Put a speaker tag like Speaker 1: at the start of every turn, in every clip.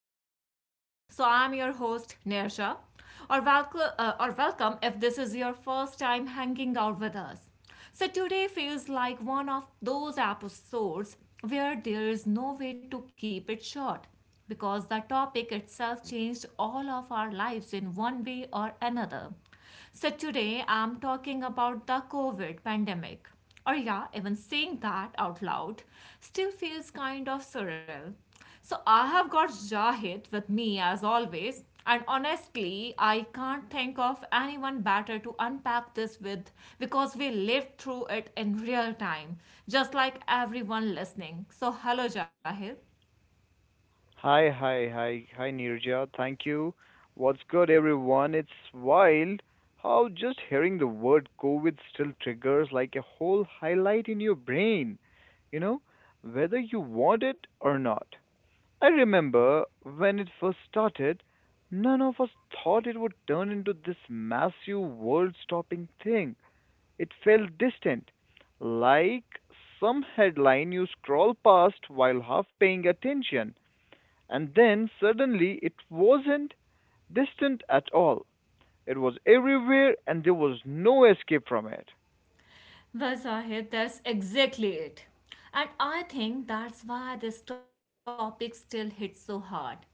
Speaker 1: the podcast. I'm your host, Neersha. Or welcome if this is your first time hanging out with us. Today feels like one of those episodes where there is no way to keep it short because the topic itself changed all of our lives in one way or another. So today I'm talking about the COVID pandemic. Or yeah, even saying that out loud still feels kind of surreal. So I have got Jahid with me as always, and honestly, I can't think of anyone better to unpack this with because we lived through it in real time, just like everyone listening. So hello, Jahid.
Speaker 2: Hi, Nirja. Thank you. What's good, everyone? It's wild how just hearing the word COVID still triggers like a whole highlight in your brain, you know, whether you want it or not. I remember when it first started, none of us thought it would turn into this massive world stopping thing. It felt distant, like some headline you scroll past while half paying attention. And then suddenly it wasn't distant at all. It was everywhere and there was no escape from
Speaker 1: Well, Sahid, that's exactly it. And I think that's why this topic still hits so hard.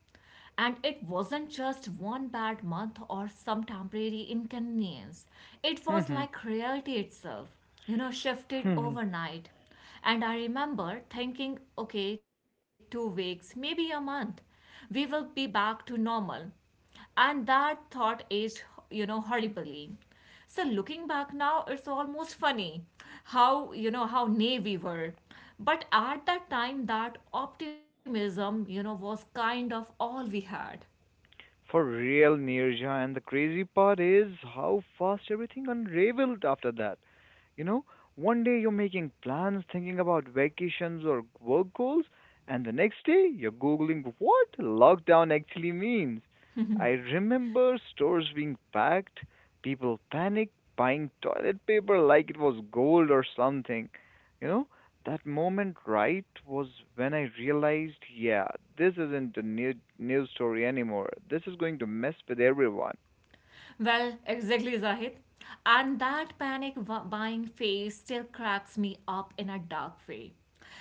Speaker 1: And it wasn't just one bad month or some temporary inconvenience, it was
Speaker 2: it.
Speaker 1: like reality itself, shifted overnight. And I remember thinking, okay, 2 weeks, maybe a month, we will be back to normal, and that thought aged, horribly. So looking back now, it's almost funny how, how naive we were, but at that time that optimism, was kind of all we had.
Speaker 2: For real, Nirja. And the crazy part is how fast everything unraveled after that. You know, one day you're making plans, thinking about vacations or work goals, and the next day you're Googling what lockdown actually means. I remember stores being packed, people panicked, buying toilet paper like it was gold or something. You know, that moment, right, was when I realized, yeah, this isn't the new news story anymore. This is going to mess with everyone.
Speaker 1: Well, exactly, Zahid. And that panic buying phase still cracks me up in a dark way.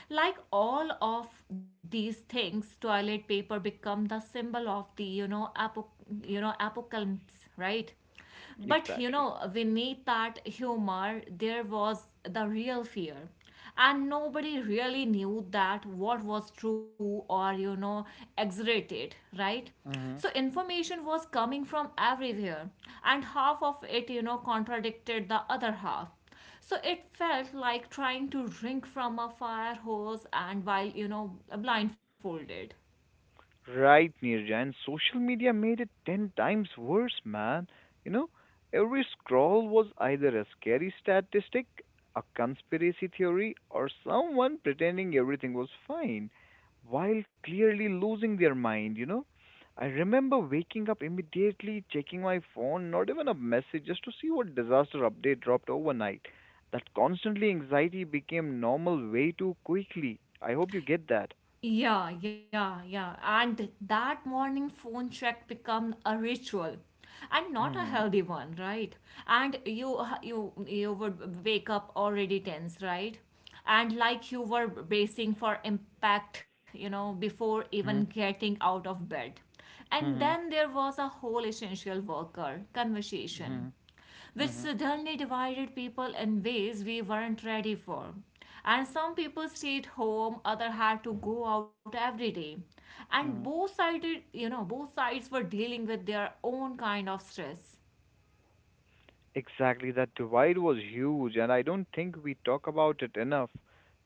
Speaker 1: Like all of these things, toilet paper become the symbol of the, you know, apocalypse, right? But you
Speaker 2: Exactly.
Speaker 1: know, beneath that humor, there was the real fear. And nobody really knew that what was true or, exaggerated, right? So information was coming from everywhere, and half of it, contradicted the other half. So it felt like trying to drink from a fire hose and while, blindfolded.
Speaker 2: Right, Nirja, and social media made it 10 times worse, man. You know, every scroll was either a scary statistic, a conspiracy theory, or someone pretending everything was fine while clearly losing their mind, you know. I remember waking up immediately, checking my phone, not even a message, just to see what disaster update dropped overnight. That constantly anxiety became normal way too quickly. I hope you get that.
Speaker 1: Yeah, yeah, yeah. And that morning phone check become a ritual, and not a
Speaker 2: Mm-hmm.
Speaker 1: healthy one, right? And you would wake up already tense, right? And like you were bracing for impact, you know, before even getting out of bed. And
Speaker 2: Mm-hmm.
Speaker 1: then there was a whole essential worker conversation,
Speaker 2: Mhm,
Speaker 1: which
Speaker 2: mhm,
Speaker 1: suddenly divided people in ways we weren't ready for. And some people stayed home, other had to go out every day. And
Speaker 2: mhm.
Speaker 1: both sided, both sides were dealing with their own kind of stress.
Speaker 2: Exactly, that divide was huge, and I don't think we talk about it enough.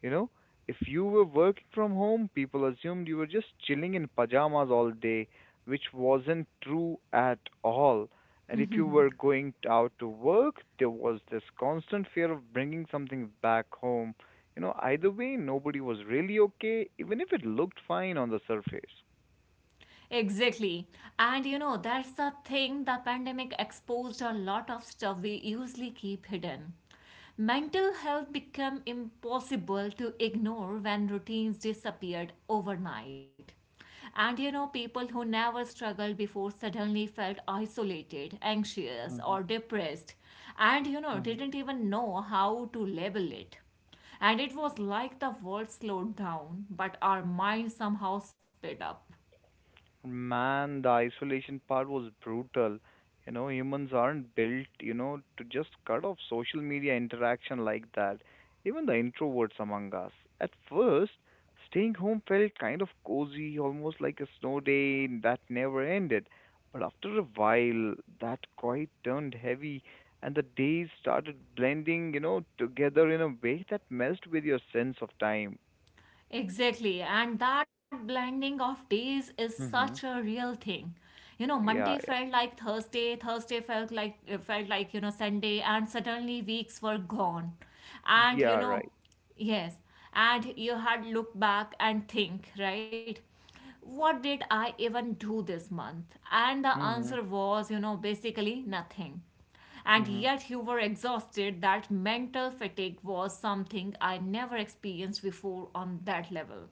Speaker 2: You know, if you were working from home, people assumed you were just chilling in pajamas all day, which wasn't true at all. And if you were going out to work, there was this constant fear of bringing something back home. You know, either way, nobody was really okay, even if it looked fine on the surface.
Speaker 1: Exactly. And you know, that's the thing, the pandemic exposed a lot of stuff we usually keep hidden. Mental health became impossible to ignore when routines disappeared overnight. And you know, people who never struggled before suddenly felt isolated, anxious, or depressed, and you know,
Speaker 2: Mhm.
Speaker 1: didn't even know how to label it. And it was like the world slowed down, but our minds somehow sped up.
Speaker 2: Man, the isolation part was brutal. You know, humans aren't built, you know, to just cut off social media interaction like that. Even the introverts among us. At first, staying home felt kind of cozy, almost like a snow day that never ended. But after a while, that quiet turned heavy, and the days started blending, you know, together in a way that messed with your sense of time.
Speaker 1: Exactly, and that blending of days is such a
Speaker 2: Mm-hmm.
Speaker 1: real thing. You know, Monday
Speaker 2: Yeah,
Speaker 1: felt
Speaker 2: yeah.
Speaker 1: like Thursday, Thursday felt like Sunday, and suddenly weeks were gone. And you
Speaker 2: Yeah,
Speaker 1: know,
Speaker 2: right.
Speaker 1: yes, and you had look back and think, right? What did I even do this month? And the
Speaker 2: Mm-hmm.
Speaker 1: answer was, you know, basically nothing. And yet you were exhausted. That mental fatigue was something I never experienced before on that level.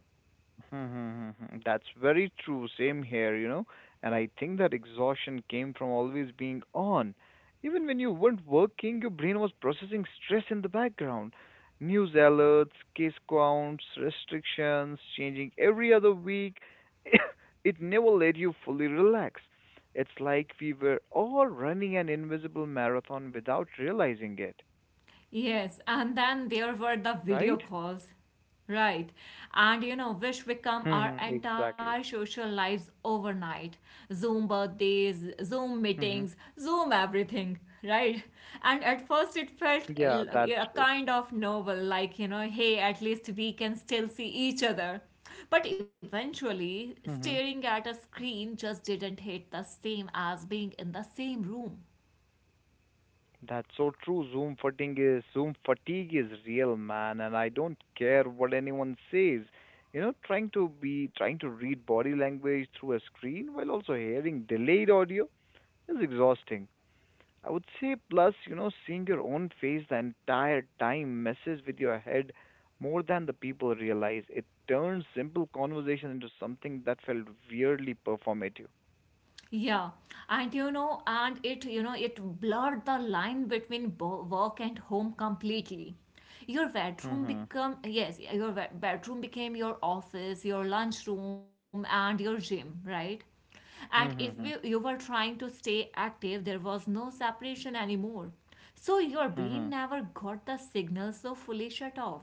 Speaker 2: Hmm. That's very true. Same here, you know. And I think that exhaustion came from always being on. Even when you weren't working, your brain was processing stress in the background. News alerts, case counts, restrictions, changing every other week. It never let you fully relax. It's like we were all running an invisible marathon without realizing it,
Speaker 1: Yes, and then there were the video
Speaker 2: right?
Speaker 1: calls. Right. And you know, which become our
Speaker 2: Hmm,
Speaker 1: entire
Speaker 2: exactly.
Speaker 1: social lives overnight. Zoom birthdays, Zoom
Speaker 2: Hmm.
Speaker 1: meetings, Zoom everything. Right. And at first it felt
Speaker 2: Yeah, that's
Speaker 1: a kind of novel, like, you know, hey, at least we can still see each other. But eventually, staring
Speaker 2: true.
Speaker 1: at a screen just didn't hit the same as being in the same room.
Speaker 2: That's so true. Zoom fatigue is real, man, and I don't care what anyone says. You know, trying to read body language through a screen while also hearing delayed audio is exhausting. I would say plus, you know, seeing your own face the entire time messes with your head more than the people realize. It turns simple conversation into something that felt weirdly performative.
Speaker 1: Yeah, and you know, and it, you know, it blurred the line between work and home completely. Your bedroom
Speaker 2: Mm-hmm.
Speaker 1: become yes, your bedroom became your office, your lunchroom, and your gym, right? And if you, you
Speaker 2: Mm-hmm.
Speaker 1: were trying to stay active, there was no separation anymore. So your brain never got the signal so fully shut off.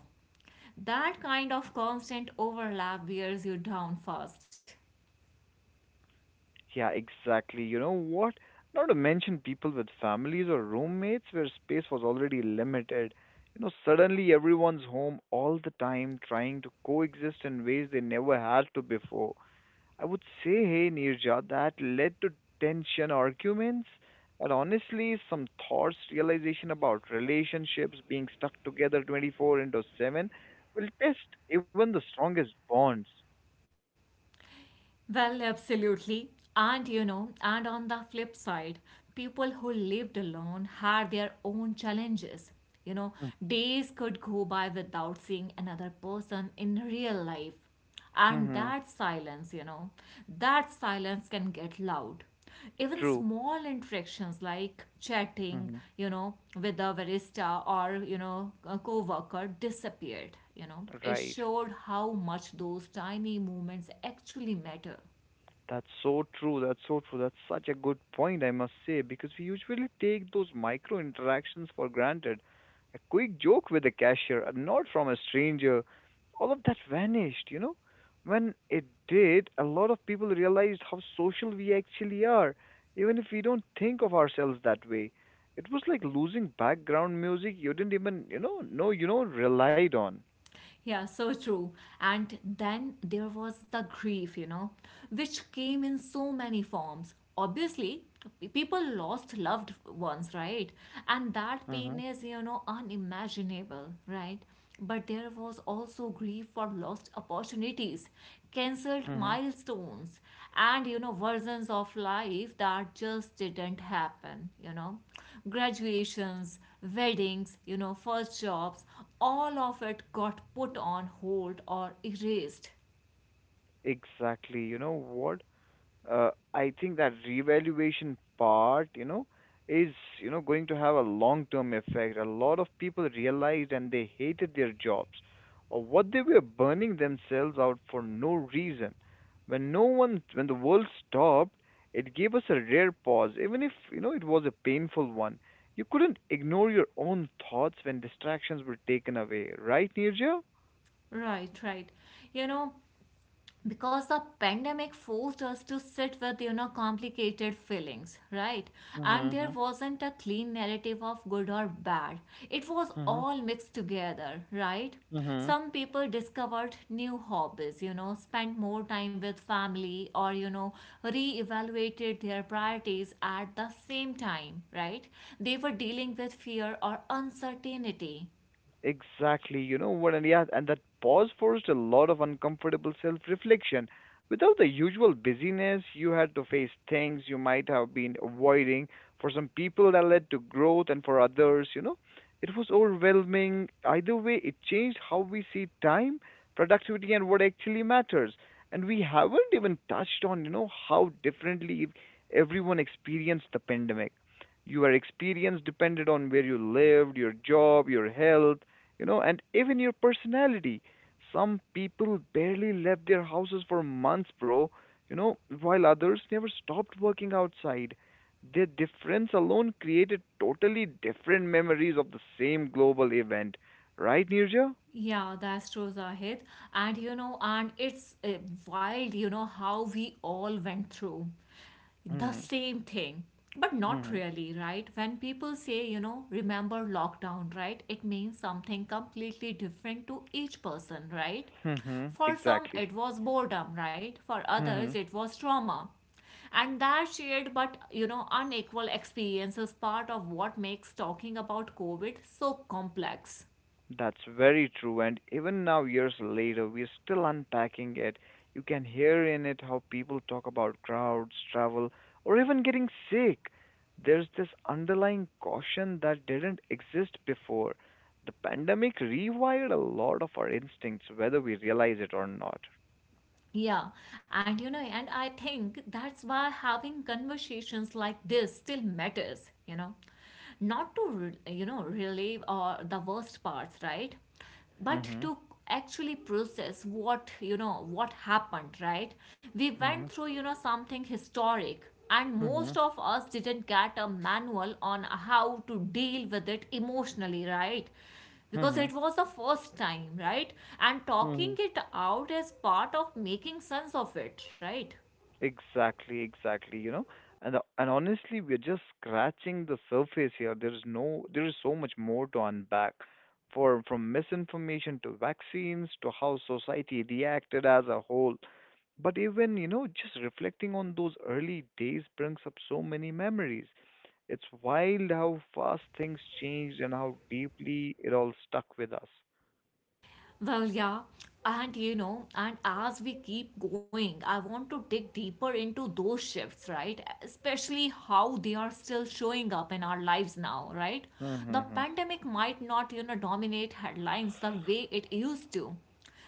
Speaker 1: That kind of constant overlap wears you down fast.
Speaker 2: Yeah, exactly. You know what? Not to mention people with families or roommates where space was already limited. You know, suddenly everyone's home all the time trying to coexist in ways they never had to before. I would say, hey, Nirja, that led to tension, arguments, and honestly, some thoughts, realization about relationships being stuck together 24 into 7 will test even the strongest bonds.
Speaker 1: Well, absolutely. And you know, and on the flip side, people who lived alone had their own challenges. You know, days could go by without seeing another person in real life. And
Speaker 2: Mm-hmm.
Speaker 1: that silence, that silence can get loud, even
Speaker 2: True.
Speaker 1: small interactions like chatting,
Speaker 2: Hmm.
Speaker 1: you know, with a barista or, you know, a co-worker disappeared. You know, it
Speaker 2: Right.
Speaker 1: showed how much those tiny moments actually matter.
Speaker 2: That's so true. That's such a good point, I must say, because we usually take those micro interactions for granted. A quick joke with a cashier, a nod from a stranger, all of that vanished, you know? When it did, a lot of people realized how social we actually are, even if we don't think of ourselves that way. It was like losing background music you didn't even, know, relied on.
Speaker 1: Yeah, so true. And then there was the grief, you know, which came in so many forms. Obviously, people lost loved ones, right? And that
Speaker 2: Mm-hmm.
Speaker 1: pain is, you know, unimaginable, right? But there was also grief for lost opportunities, cancelled
Speaker 2: Mm-hmm.
Speaker 1: milestones, and, you know, versions of life that just didn't happen, you know, graduations, weddings, you know, first jobs, all of it got put on hold or erased.
Speaker 2: Exactly. You know what? I think that revaluation part, you know, is you know going to have a long-term effect. A lot of people realized and they hated their jobs or what they were burning themselves out for no reason. When no one, When the world stopped, it gave us a rare pause, even if you know it was a painful one. You couldn't ignore your own thoughts when distractions were taken away, right, Nirja?
Speaker 1: Right, right. You know, because the pandemic forced us to sit with, you know, complicated feelings, right? And there
Speaker 2: Mm-hmm.
Speaker 1: wasn't a clean narrative of good or bad, it was all mixed together, right?
Speaker 2: Mm-hmm.
Speaker 1: Some people discovered new hobbies, you know, spent more time with family, or you know, reevaluated their priorities. At the same time, right, they were dealing with fear or uncertainty.
Speaker 2: Exactly, you know what, and yeah, and that pause forced a lot of uncomfortable self-reflection. Without the usual busyness, you had to face things you might have been avoiding. For some people, that led to growth, and for others, you know, it was overwhelming. Either way, it changed how we see time, productivity, and what actually matters. And we haven't even touched on, you know, how differently everyone experienced the pandemic. Your experience depended on where you lived, your job, your health, you know and even your personality. Some people barely left their houses for months bro, you know, while others never stopped working outside. Their difference alone created totally different memories of the same global event, right Nirja?
Speaker 1: Yeah, that's true, Zahid. And you know, and it's wild, you know, how we all went through the
Speaker 2: Mm-hmm.
Speaker 1: same thing, but not
Speaker 2: Mm-hmm.
Speaker 1: really, right? When people say, you know, remember lockdown, right? It means something completely different to each person, right?
Speaker 2: Hmm.
Speaker 1: For some,
Speaker 2: Exactly.
Speaker 1: it was boredom, right? For others,
Speaker 2: Hmm.
Speaker 1: it was trauma. And that shared but you know unequal experience is part of what makes talking about COVID so complex.
Speaker 2: That's very true, and even now, years later, we're still unpacking it. You can hear in it how people talk about crowds, travel, or even getting sick. There's this underlying caution that didn't exist before. The pandemic rewired a lot of our instincts, whether we realize it or not.
Speaker 1: Yeah, and you know, and I think that's why having conversations like this still matters, you know, not to, you know, relieve or the worst parts, right? But
Speaker 2: Mm-hmm.
Speaker 1: to actually process what, you know, what happened, right? We went
Speaker 2: Mm-hmm.
Speaker 1: through, you know, something historic, and most of us didn't get a manual on how to deal with it emotionally, right? Because
Speaker 2: Mm-hmm.
Speaker 1: it was the first time, right? And
Speaker 2: Mm-hmm.
Speaker 1: talking it out is part of making sense of it, right?
Speaker 2: Exactly, you know. And honestly, we're just scratching the surface here. There is no there is so much more to unpack. For from misinformation to vaccines to how society reacted as a whole. But even, you know, just reflecting on those early days brings up so many memories. It's wild how fast things changed and how deeply it all stuck with us.
Speaker 1: Well, yeah. And you know, and as we keep going, I want to dig deeper into those shifts, right? Especially how they are still showing up in our lives now, right? The
Speaker 2: Mm-hmm.
Speaker 1: pandemic might not, you know, dominate headlines the way it used to.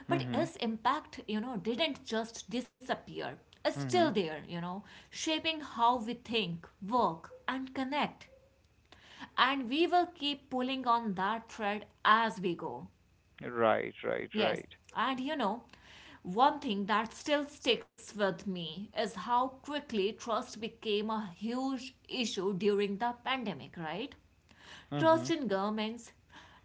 Speaker 1: But
Speaker 2: Mm-hmm.
Speaker 1: its impact, you know, didn't just disappear. It's
Speaker 2: Mm-hmm. Mm-hmm.
Speaker 1: still there, you know, shaping how we think, work, and connect. And we will keep pulling on that thread as we go.
Speaker 2: Right, right,
Speaker 1: Yes,
Speaker 2: right.
Speaker 1: and you know, one thing that still sticks with me is how quickly trust became a huge issue during the pandemic, right? Trust
Speaker 2: Mm-hmm.
Speaker 1: in governments,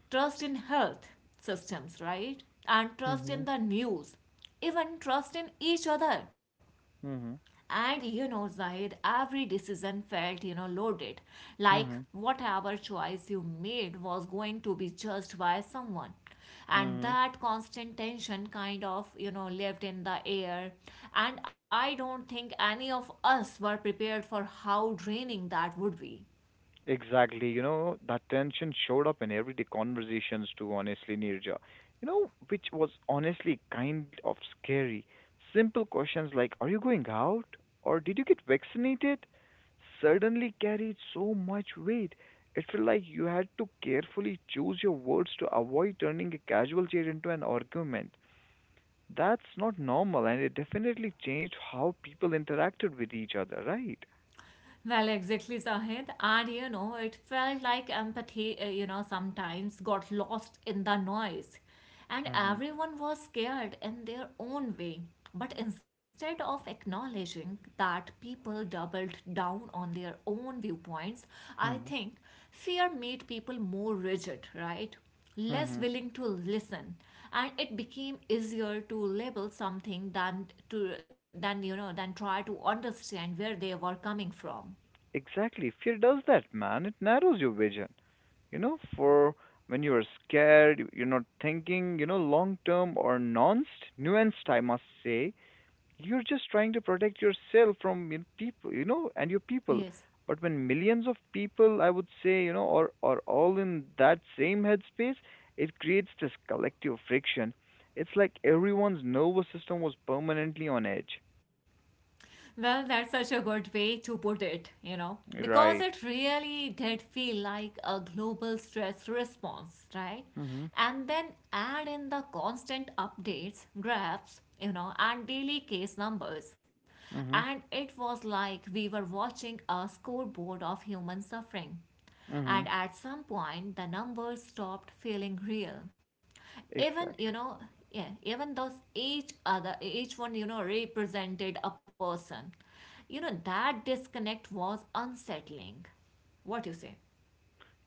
Speaker 1: trust in health systems, right? And trust
Speaker 2: Mm-hmm.
Speaker 1: in the news, even trust in each other.
Speaker 2: Mm-hmm.
Speaker 1: And you know, Zahid, every decision felt, you know, loaded. Like
Speaker 2: Mm-hmm.
Speaker 1: whatever choice you made was going to be judged by someone. And
Speaker 2: Mm-hmm.
Speaker 1: that constant tension kind of, you know, lived in the air. And I don't think any of us were prepared for how draining that would be.
Speaker 2: Exactly. You know, that tension showed up in everyday conversations too, honestly, Nirja. You know, which was honestly kind of scary. Simple questions like, are you going out? Or did you get vaccinated? Suddenly carried so much weight. It felt like you had to carefully choose your words to avoid turning a casual chat into an argument. That's not normal, and it definitely changed how people interacted with each other, right?
Speaker 1: Well, exactly, Sahid. And you know, it felt like empathy, you know, sometimes got lost in the noise. And everyone was scared in their own way. But instead of acknowledging that people doubled down on their own viewpoints, I
Speaker 2: Hmm.
Speaker 1: think fear made people more rigid, right? Less
Speaker 2: Hmm.
Speaker 1: willing to listen, and it became easier to label something than to, than you know than try to understand where they were coming from.
Speaker 2: Exactly. Fear does that, man. It narrows your vision. You know, for when you are scared, you're not thinking, you know, long term or nuanced, I must say. You're just trying to protect yourself from you know, people, you know, and your people.
Speaker 1: Yes.
Speaker 2: But when millions of people, I would say, you know, are all in that same headspace, it creates this collective friction. It's like everyone's nervous system was permanently on edge.
Speaker 1: Well, that's such a good way to put it, you know, because
Speaker 2: Right.
Speaker 1: it really did feel like a global stress response, right?
Speaker 2: Mm-hmm.
Speaker 1: And then add in the constant updates, graphs, you know, and daily case numbers. And
Speaker 2: Mm-hmm.
Speaker 1: it was like we were watching a scoreboard of human suffering.
Speaker 2: Mm-hmm.
Speaker 1: And at some point, the numbers stopped feeling real. Even you
Speaker 2: Exactly.
Speaker 1: know, yeah, even those each one, you know, represented a person. You know, that disconnect was unsettling. What do you say?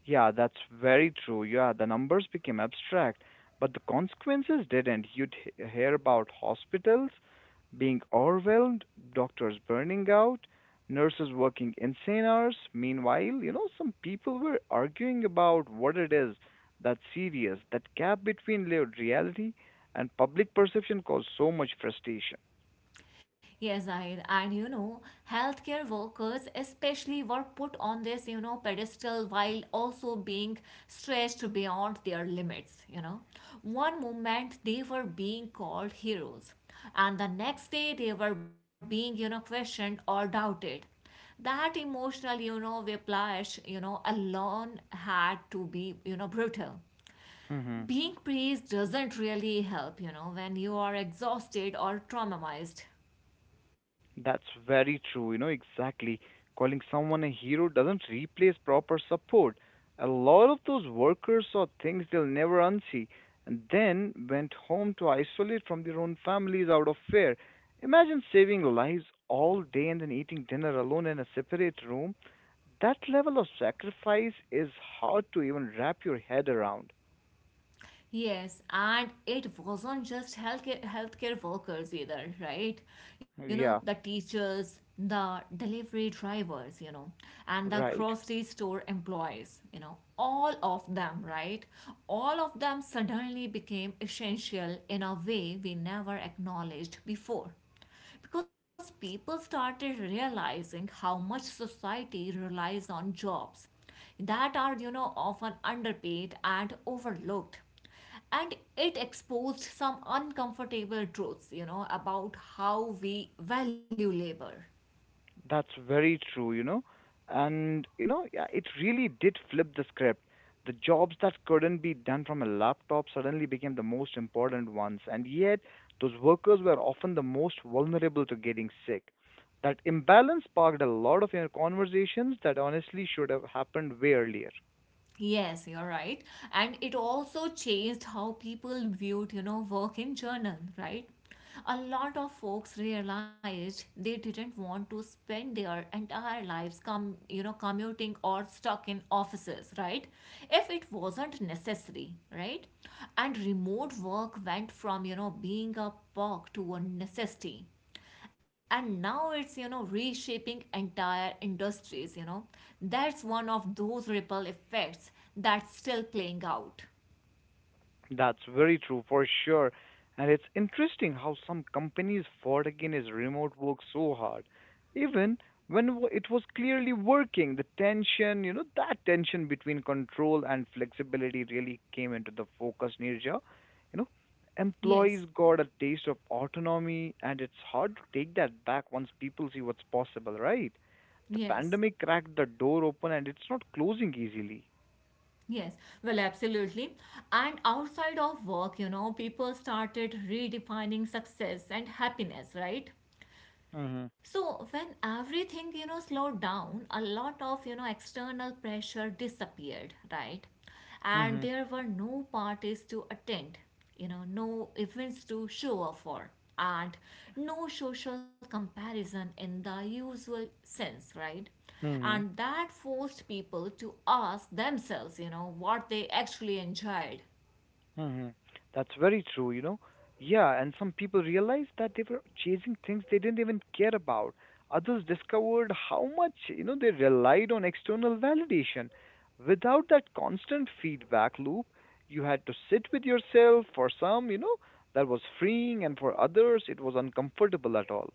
Speaker 2: Yeah, that's very true. Yeah, the numbers became abstract, but the consequences didn't. Hear about hospitals being overwhelmed, doctors burning out, nurses working insane hours. Meanwhile, you know, some people were arguing about what it is that's serious. That gap between lived reality and public perception caused so much frustration.
Speaker 1: Yes, I and you know, healthcare workers especially were put on this, you know, pedestal while also being stretched beyond their limits, you know. One moment they were being called heroes, and the next day they were being, you know, questioned or doubted. That emotional, you know, whiplash, you know, alone had to be, you know, brutal. Being praised doesn't really help, you know, when you are exhausted or traumatized.
Speaker 2: That's very true, you know, exactly. Calling someone a hero doesn't replace proper support. A lot of those workers saw things they'll never unsee and then went home to isolate from their own families out of fear. Imagine saving lives all day and then eating dinner alone in a separate room. That level of sacrifice is hard to even wrap your head around.
Speaker 1: Yes, and it wasn't just healthcare workers either, right? You know, the
Speaker 2: Yeah,
Speaker 1: teachers, the delivery drivers, you know, and the
Speaker 2: right.
Speaker 1: grocery store employees, you know, all of them, right? All of them suddenly became essential in a way we never acknowledged before, because people started realizing how much society relies on jobs that are, you know, often underpaid and overlooked, and it exposed some uncomfortable truths, you know, about how we value labor.
Speaker 2: That's very true, you know. And, you know, yeah, it really did flip the script. The jobs that couldn't be done from a laptop suddenly became the most important ones. And yet, those workers were often the most vulnerable to getting sick. That imbalance sparked a lot of you know, conversations that honestly should have happened way earlier.
Speaker 1: Yes, you're right. And it also changed how people viewed, you know, work in journal, right? A lot of folks realized they didn't want to spend their entire lives commuting or stuck in offices, right? If it wasn't necessary, right? And remote work went from, being a perk to a necessity, and now it's reshaping entire industries. That's one of those ripple effects that's still playing out.
Speaker 2: That's very true for sure. And it's interesting how some companies fought against remote work so hard. Even it was clearly working, you know, that tension between control and flexibility really came into the focus, Nirja. You know,
Speaker 1: Yes,
Speaker 2: employees got a taste of autonomy, and it's hard to take that back once people see what's possible, right? The
Speaker 1: yes,
Speaker 2: pandemic cracked the door open and it's not closing easily.
Speaker 1: yes. Well, absolutely. And outside of work, people started redefining success and happiness, right?
Speaker 2: Mm-hmm.
Speaker 1: So when everything, slowed down, a lot of, external pressure disappeared, right? And there were no parties to attend, no events to show up for, and no social comparison in the usual sense, right?
Speaker 2: Mm-hmm.
Speaker 1: And that forced people to ask themselves, what they actually enjoyed.
Speaker 2: Hmm. That's very true, you know. Yeah, and some people realized that they were chasing things they didn't even care about. Others discovered how much, you know, they relied on external validation. Without that constant feedback loop, you had to sit with yourself. For some, you know, that was freeing, and for others, it was uncomfortable at all.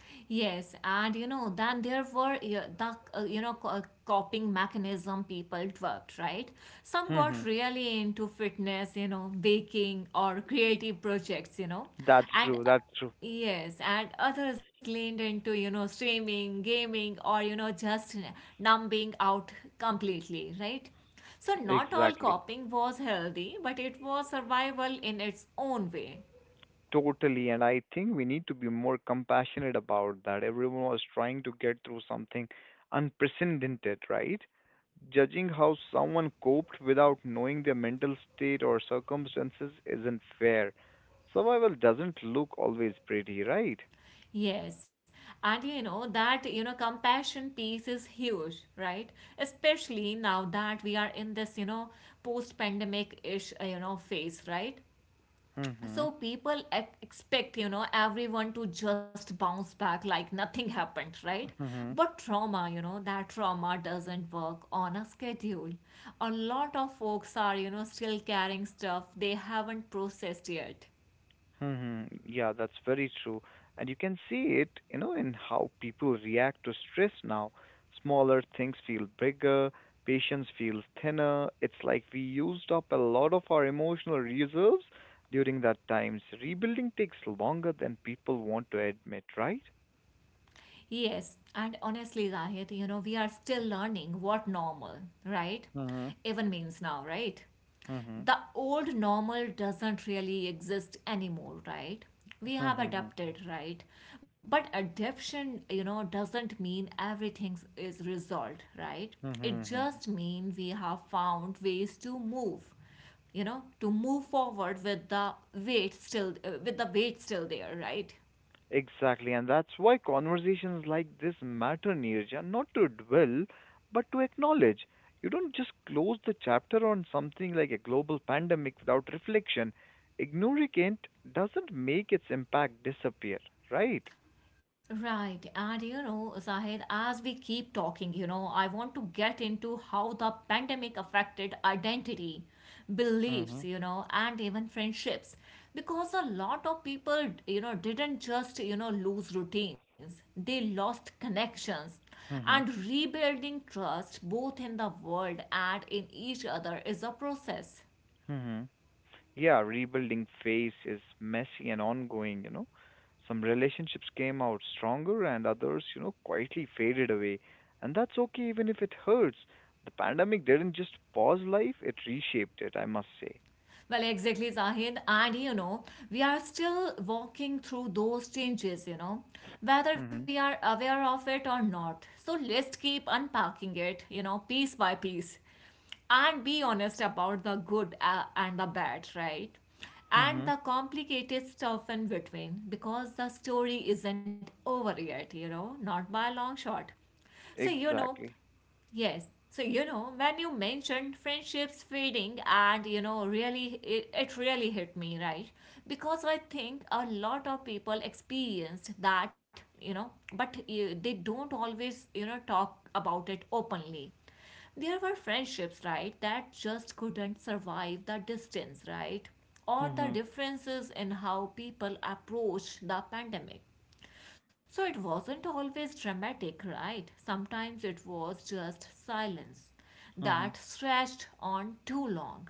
Speaker 1: Yes, and then there were yeah, the coping mechanism people developed, right? Some got
Speaker 2: Hmm.
Speaker 1: really into fitness, baking or creative projects, and
Speaker 2: That's true.
Speaker 1: yes, and others leaned into streaming, gaming, or just numbing out completely, right? So not all
Speaker 2: Exactly.
Speaker 1: coping was healthy, but it was survival in its own way.
Speaker 2: Totally, and I think we need to be more compassionate about that. Everyone was trying to get through something unprecedented, right? Judging how someone coped without knowing their mental state or circumstances isn't fair. Survival doesn't look always pretty, right?
Speaker 1: Yes, and that compassion piece is huge, right? Especially now that we are in this post-pandemic-ish phase, right?
Speaker 2: Mm-hmm.
Speaker 1: So people expect everyone to just bounce back like nothing happened, right? But that trauma doesn't work on a schedule. A lot of folks are still carrying stuff they haven't processed yet.
Speaker 2: Yeah, that's very true. And you can see it, you know, in how people react to stress now. Smaller things feel bigger, patience feels thinner. It's like we used up a lot of our emotional reserves during that times. Rebuilding takes longer than people want to admit, right?
Speaker 1: Yes, and honestly, Zahid, we are still learning what normal, right?
Speaker 2: Mm-hmm.
Speaker 1: Even means now, right? The old normal doesn't really exist anymore, right? We have
Speaker 2: Mm-hmm.
Speaker 1: adapted, right? But adaptation, doesn't mean everything is resolved, right? It
Speaker 2: Mm-hmm.
Speaker 1: just means we have found ways to move forward with the weight still there, right?
Speaker 2: Exactly, and that's why conversations like this matter, Neerja, not to dwell, but to acknowledge. You don't just close the chapter on something like a global pandemic without reflection. Ignoring it doesn't make its impact disappear, right?
Speaker 1: Right. And Zahid, as we keep talking, I want to get into how the pandemic affected identity,
Speaker 2: Mm-hmm.
Speaker 1: beliefs, and even friendships. Because a lot of people, didn't just, lose routines, they lost connections, and
Speaker 2: Mm-hmm.
Speaker 1: rebuilding trust both in the world and in each other is a process.
Speaker 2: hmm yeah, rebuilding phase is messy and ongoing, you know. Some relationships came out stronger and others, you know, quietly faded away. And that's okay even if it hurts. The pandemic didn't just pause life, it reshaped it, I must say.
Speaker 1: Well, exactly, Zahid. And we are still walking through those changes, whether we
Speaker 2: Mm-hmm.
Speaker 1: are aware of it or not. So let's keep unpacking it, piece by piece, and be honest about the good and the bad, right? And
Speaker 2: Mm-hmm.
Speaker 1: the complicated stuff in between, because the story isn't over yet, not by a long shot. So,
Speaker 2: Exactly.
Speaker 1: yes. So, when you mentioned friendships fading, and really, it really hit me, right? Because I think a lot of people experienced that, but they don't always, talk about it openly. There were friendships, right, that just couldn't survive the distance, right? Or the
Speaker 2: Mm-hmm.
Speaker 1: differences in how people approached the pandemic. So it wasn't always dramatic, right? Sometimes it was just silence that stretched on too long.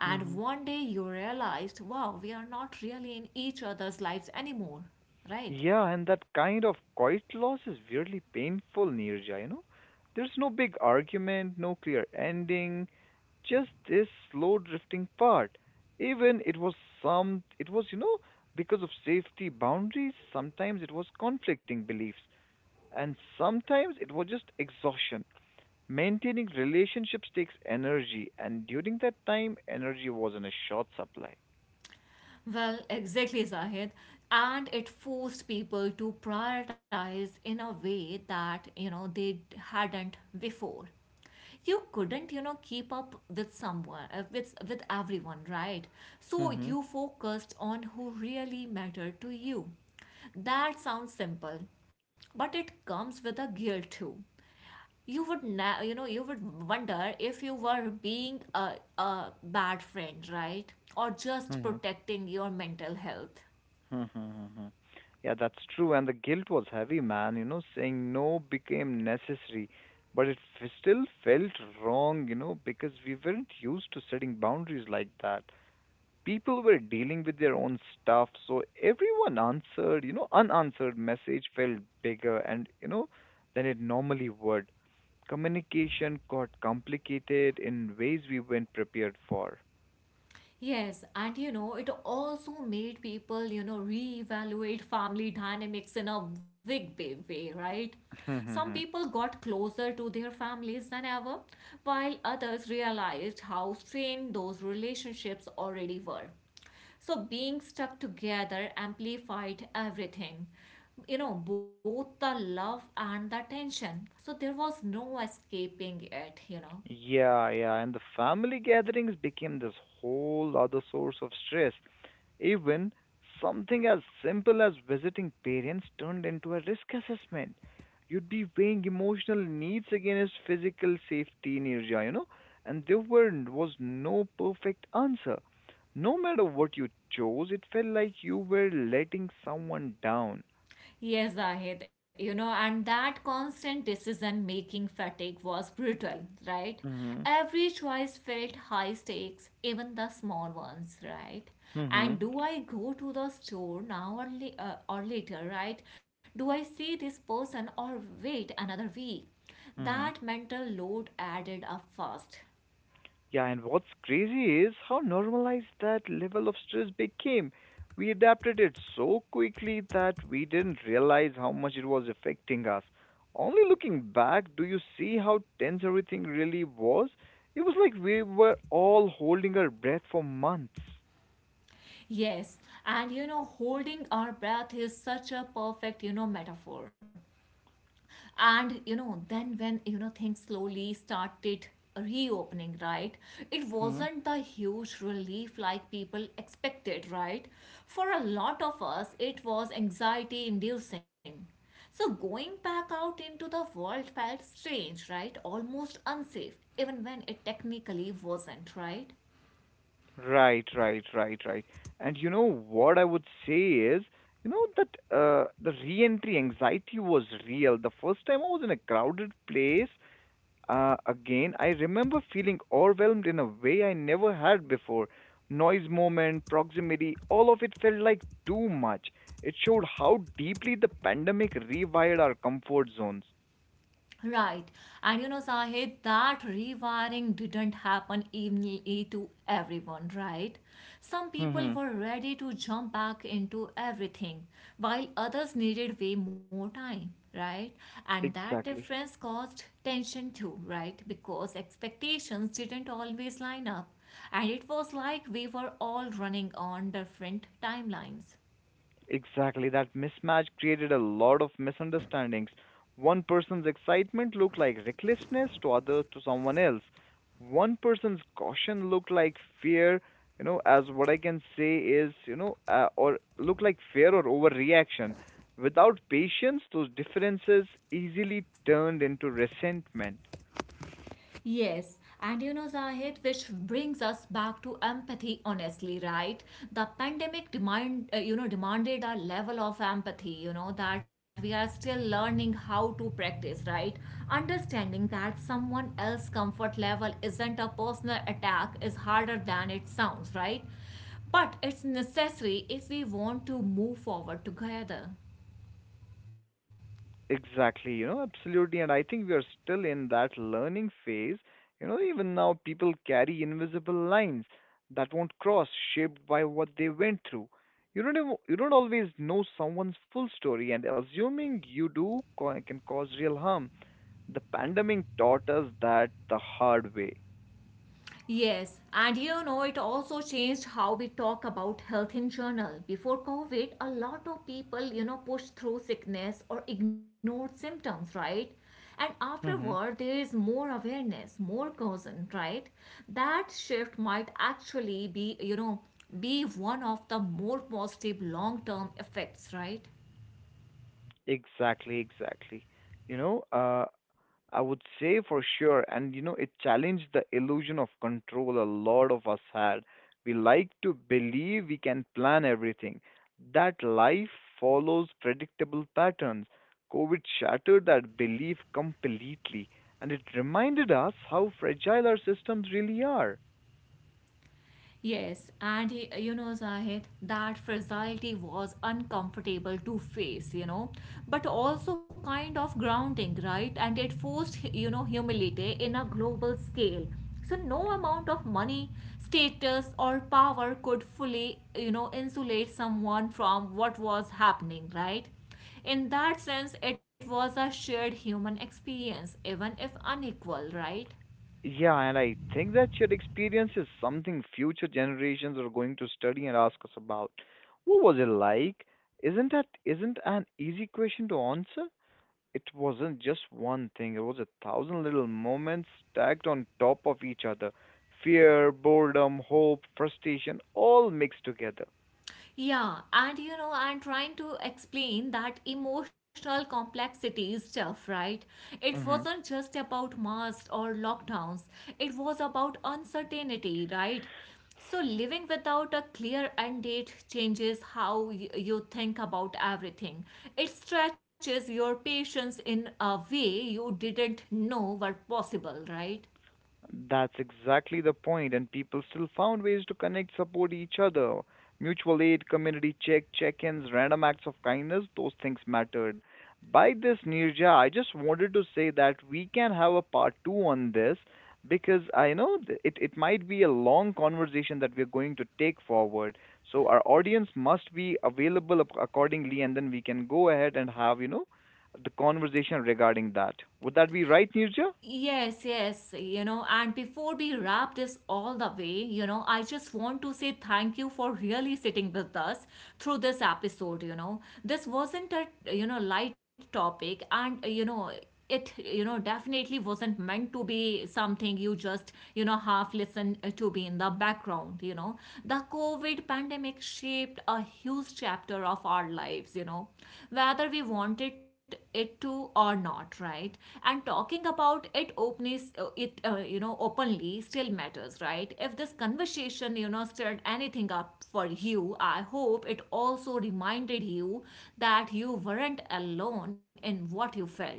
Speaker 1: And
Speaker 2: Mm-hmm.
Speaker 1: one day you realized, wow, we are not really in each other's lives anymore, right?
Speaker 2: Yeah, and that kind of quiet loss is weirdly painful, Neerja, you know? There's no big argument, no clear ending, just this slow drifting part. Even it was some, it was, you know, Because of safety boundaries, sometimes it was conflicting beliefs, and sometimes it was just exhaustion. Maintaining relationships takes energy, and during that time, energy was in a short supply.
Speaker 1: Well, exactly, Zahid. And it forced people to prioritize in a way that, they hadn't before. You couldn't, keep up with with everyone, right? So
Speaker 2: Mm-hmm.
Speaker 1: you focused on who really mattered to you. That sounds simple, but it comes with a guilt too. You would wonder if you were being a bad friend, right? Or just protecting your mental health.
Speaker 2: Hmm. Yeah, that's true. And the guilt was heavy, man. You know, saying no became necessary, but it still felt wrong, you know, because we weren't used to setting boundaries like that. People were dealing with their own stuff, so everyone answered, you know, unanswered message felt bigger and, you know, than it normally would. Communication got complicated in ways we weren't prepared for.
Speaker 1: Yes, and it also made people, reevaluate family dynamics in a big, big way, right? Some people got closer to their families than ever, while others realized how strained those relationships already were. So being stuck together amplified everything. Both the love and the tension. So there was no escaping it.
Speaker 2: Yeah, yeah, and the family gatherings became this whole other source of stress. Even something as simple as visiting parents turned into a risk assessment. You'd be weighing emotional needs against physical safety in Irja, you know, and there were was no perfect answer. No matter what you chose, it felt like you were letting someone down.
Speaker 1: Yes, Zahid, and that constant decision making fatigue was brutal, right?
Speaker 2: Mm-hmm.
Speaker 1: Every choice felt high stakes, even the small ones, right?
Speaker 2: Mm-hmm.
Speaker 1: And do I go to the store now, or later, right? Do I see this person or wait another week?
Speaker 2: Mm-hmm.
Speaker 1: That mental load added up fast.
Speaker 2: Yeah, and what's crazy is how normalized that level of stress became. We adapted it so quickly that we didn't realize how much it was affecting us. Only looking back, do you see how tense everything really was? It was like we were all holding our breath for months.
Speaker 1: Yes, and holding our breath is such a perfect, metaphor. And then when things slowly started reopening, right? It
Speaker 2: Hmm.
Speaker 1: wasn't the huge relief like people expected, right. For a lot of us, it was anxiety inducing. So going back out into the world felt strange, right, almost unsafe, even when it technically wasn't, right.
Speaker 2: Right, right, right, right. And you know what I would say is, you know that the re-entry anxiety was real. The first time I was in a crowded place, again, I remember feeling overwhelmed in a way I never had before. Noise, moment, proximity, all of it felt like too much. It showed how deeply the pandemic rewired our comfort zones.
Speaker 1: Right. And Zahid, that rewiring didn't happen evenly to everyone, right? Some people
Speaker 2: hmm
Speaker 1: were ready to jump back into everything, while others needed way more time, right? And that
Speaker 2: Exactly.
Speaker 1: difference caused tension too, right? Because expectations didn't always line up. And it was like we were all running on different timelines.
Speaker 2: Exactly, that mismatch created a lot of misunderstandings. One person's excitement looked like recklessness to others to someone else. One person's caution looked like fear, you know, as what I can say is, you know, or looked like fear or overreaction. Without patience, those differences easily turned into resentment.
Speaker 1: Yes, and Zahid, which brings us back to empathy, honestly, right? The pandemic demanded a level of empathy, that we are still learning how to practice, right? Understanding that someone else's comfort level isn't a personal attack is harder than it sounds, right? But it's necessary if we want to move forward together.
Speaker 2: Exactly, you know, absolutely. And I think we are still in that learning phase. You know, even now, people carry invisible lines that won't cross, shaped by what they went through. You don't always know someone's full story, and assuming you can cause real harm. The pandemic taught us that the hard way.
Speaker 1: Yes, and it also changed how we talk about health in general. Before COVID, a lot of people, pushed through sickness or ignored symptoms, right? And afterward,
Speaker 2: hmm
Speaker 1: there is more awareness, more caution, right? That shift might actually be one of the more positive long term effects, right?
Speaker 2: Exactly, exactly. You know, I would say for sure. And you know, it challenged the illusion of control a lot of us had. We like to believe we can plan everything, that life follows predictable patterns. COVID shattered that belief completely, and it reminded us how fragile our systems really are.
Speaker 1: Yes, and Zahid, that fragility was uncomfortable to face, but also kind of grounding, right? And it forced, humility in a global scale. So no amount of money, status, or power could fully, insulate someone from what was happening, right? In that sense, it was a shared human experience, even if unequal, right?
Speaker 2: Yeah, and I think that shared experience is something future generations are going to study and ask us about. What was it like? Isn't that isn't an easy question to answer? It wasn't just one thing, it was a thousand little moments stacked on top of each other. Fear, boredom, hope, frustration, all mixed together.
Speaker 1: Yeah, and I'm trying to explain that emotional complexity stuff, right? It
Speaker 2: Mm-hmm.
Speaker 1: wasn't just about masks or lockdowns, it was about uncertainty, right? So, living without a clear end date changes how you think about everything. It stretches your patience in a way you didn't know were possible, right?
Speaker 2: That's exactly the point, and people still found ways to connect, support each other. Mutual aid, community check ins, random acts of kindness, those things mattered. By this, Nirja, I just wanted to say that we can have a part two on this because I know it might be a long conversation that we're going to take forward. So our audience must be available accordingly, and then we can go ahead and have, you know, the conversation regarding that. Would that be right, Nirja?
Speaker 1: Yes, yes, and before we wrap this all the way, I just want to say thank you for really sitting with us through this episode. This wasn't a light topic, and, it, definitely wasn't meant to be something you just, half listen to be in the background. The COVID pandemic shaped a huge chapter of our lives, whether we wanted it to or not, right? And talking about it openly still matters, right? If this conversation stirred anything up for you, I hope it also reminded you that you weren't alone in what you felt.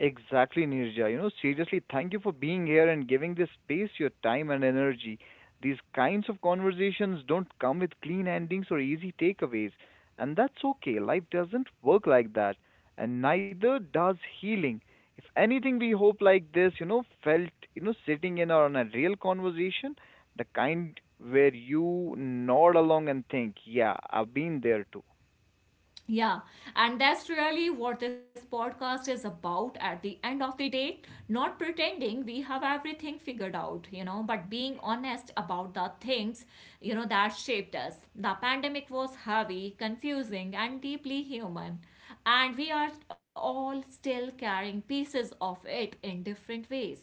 Speaker 2: Exactly, Nirja. You know, seriously, thank you for being here and giving this space your time and energy. These kinds of conversations don't come with clean endings or easy takeaways, and that's okay. Life doesn't work like that, and neither does healing. If anything, we hope like this, you know, felt, you know, sitting in on a real conversation, the kind where you nod along and think, yeah, I've been there too.
Speaker 1: Yeah, and that's really what this podcast is about at the end of the day. Not pretending we have everything figured out, but being honest about the things, that shaped us. The pandemic was heavy, confusing, and deeply human. And we are all still carrying pieces of it in different ways.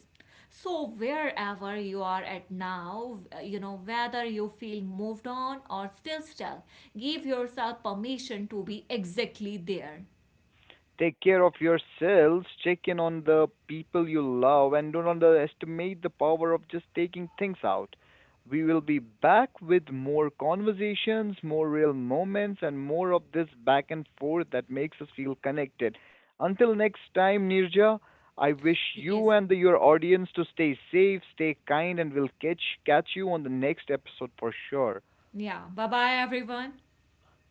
Speaker 1: So, wherever you are at now, whether you feel moved on or still stuck, give yourself permission to be exactly there.
Speaker 2: Take care of yourselves, check in on the people you love, and don't underestimate the power of just taking things out. We will be back with more conversations, more real moments, and more of this back and forth that makes us feel connected. Until next time, Nirja, I wish
Speaker 1: Yes.
Speaker 2: you and your audience to stay safe, stay kind, and we'll catch you on the next episode for sure.
Speaker 1: Yeah. Bye bye, everyone.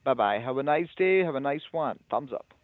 Speaker 2: Bye bye. Have a nice day. Have a nice one. Thumbs up.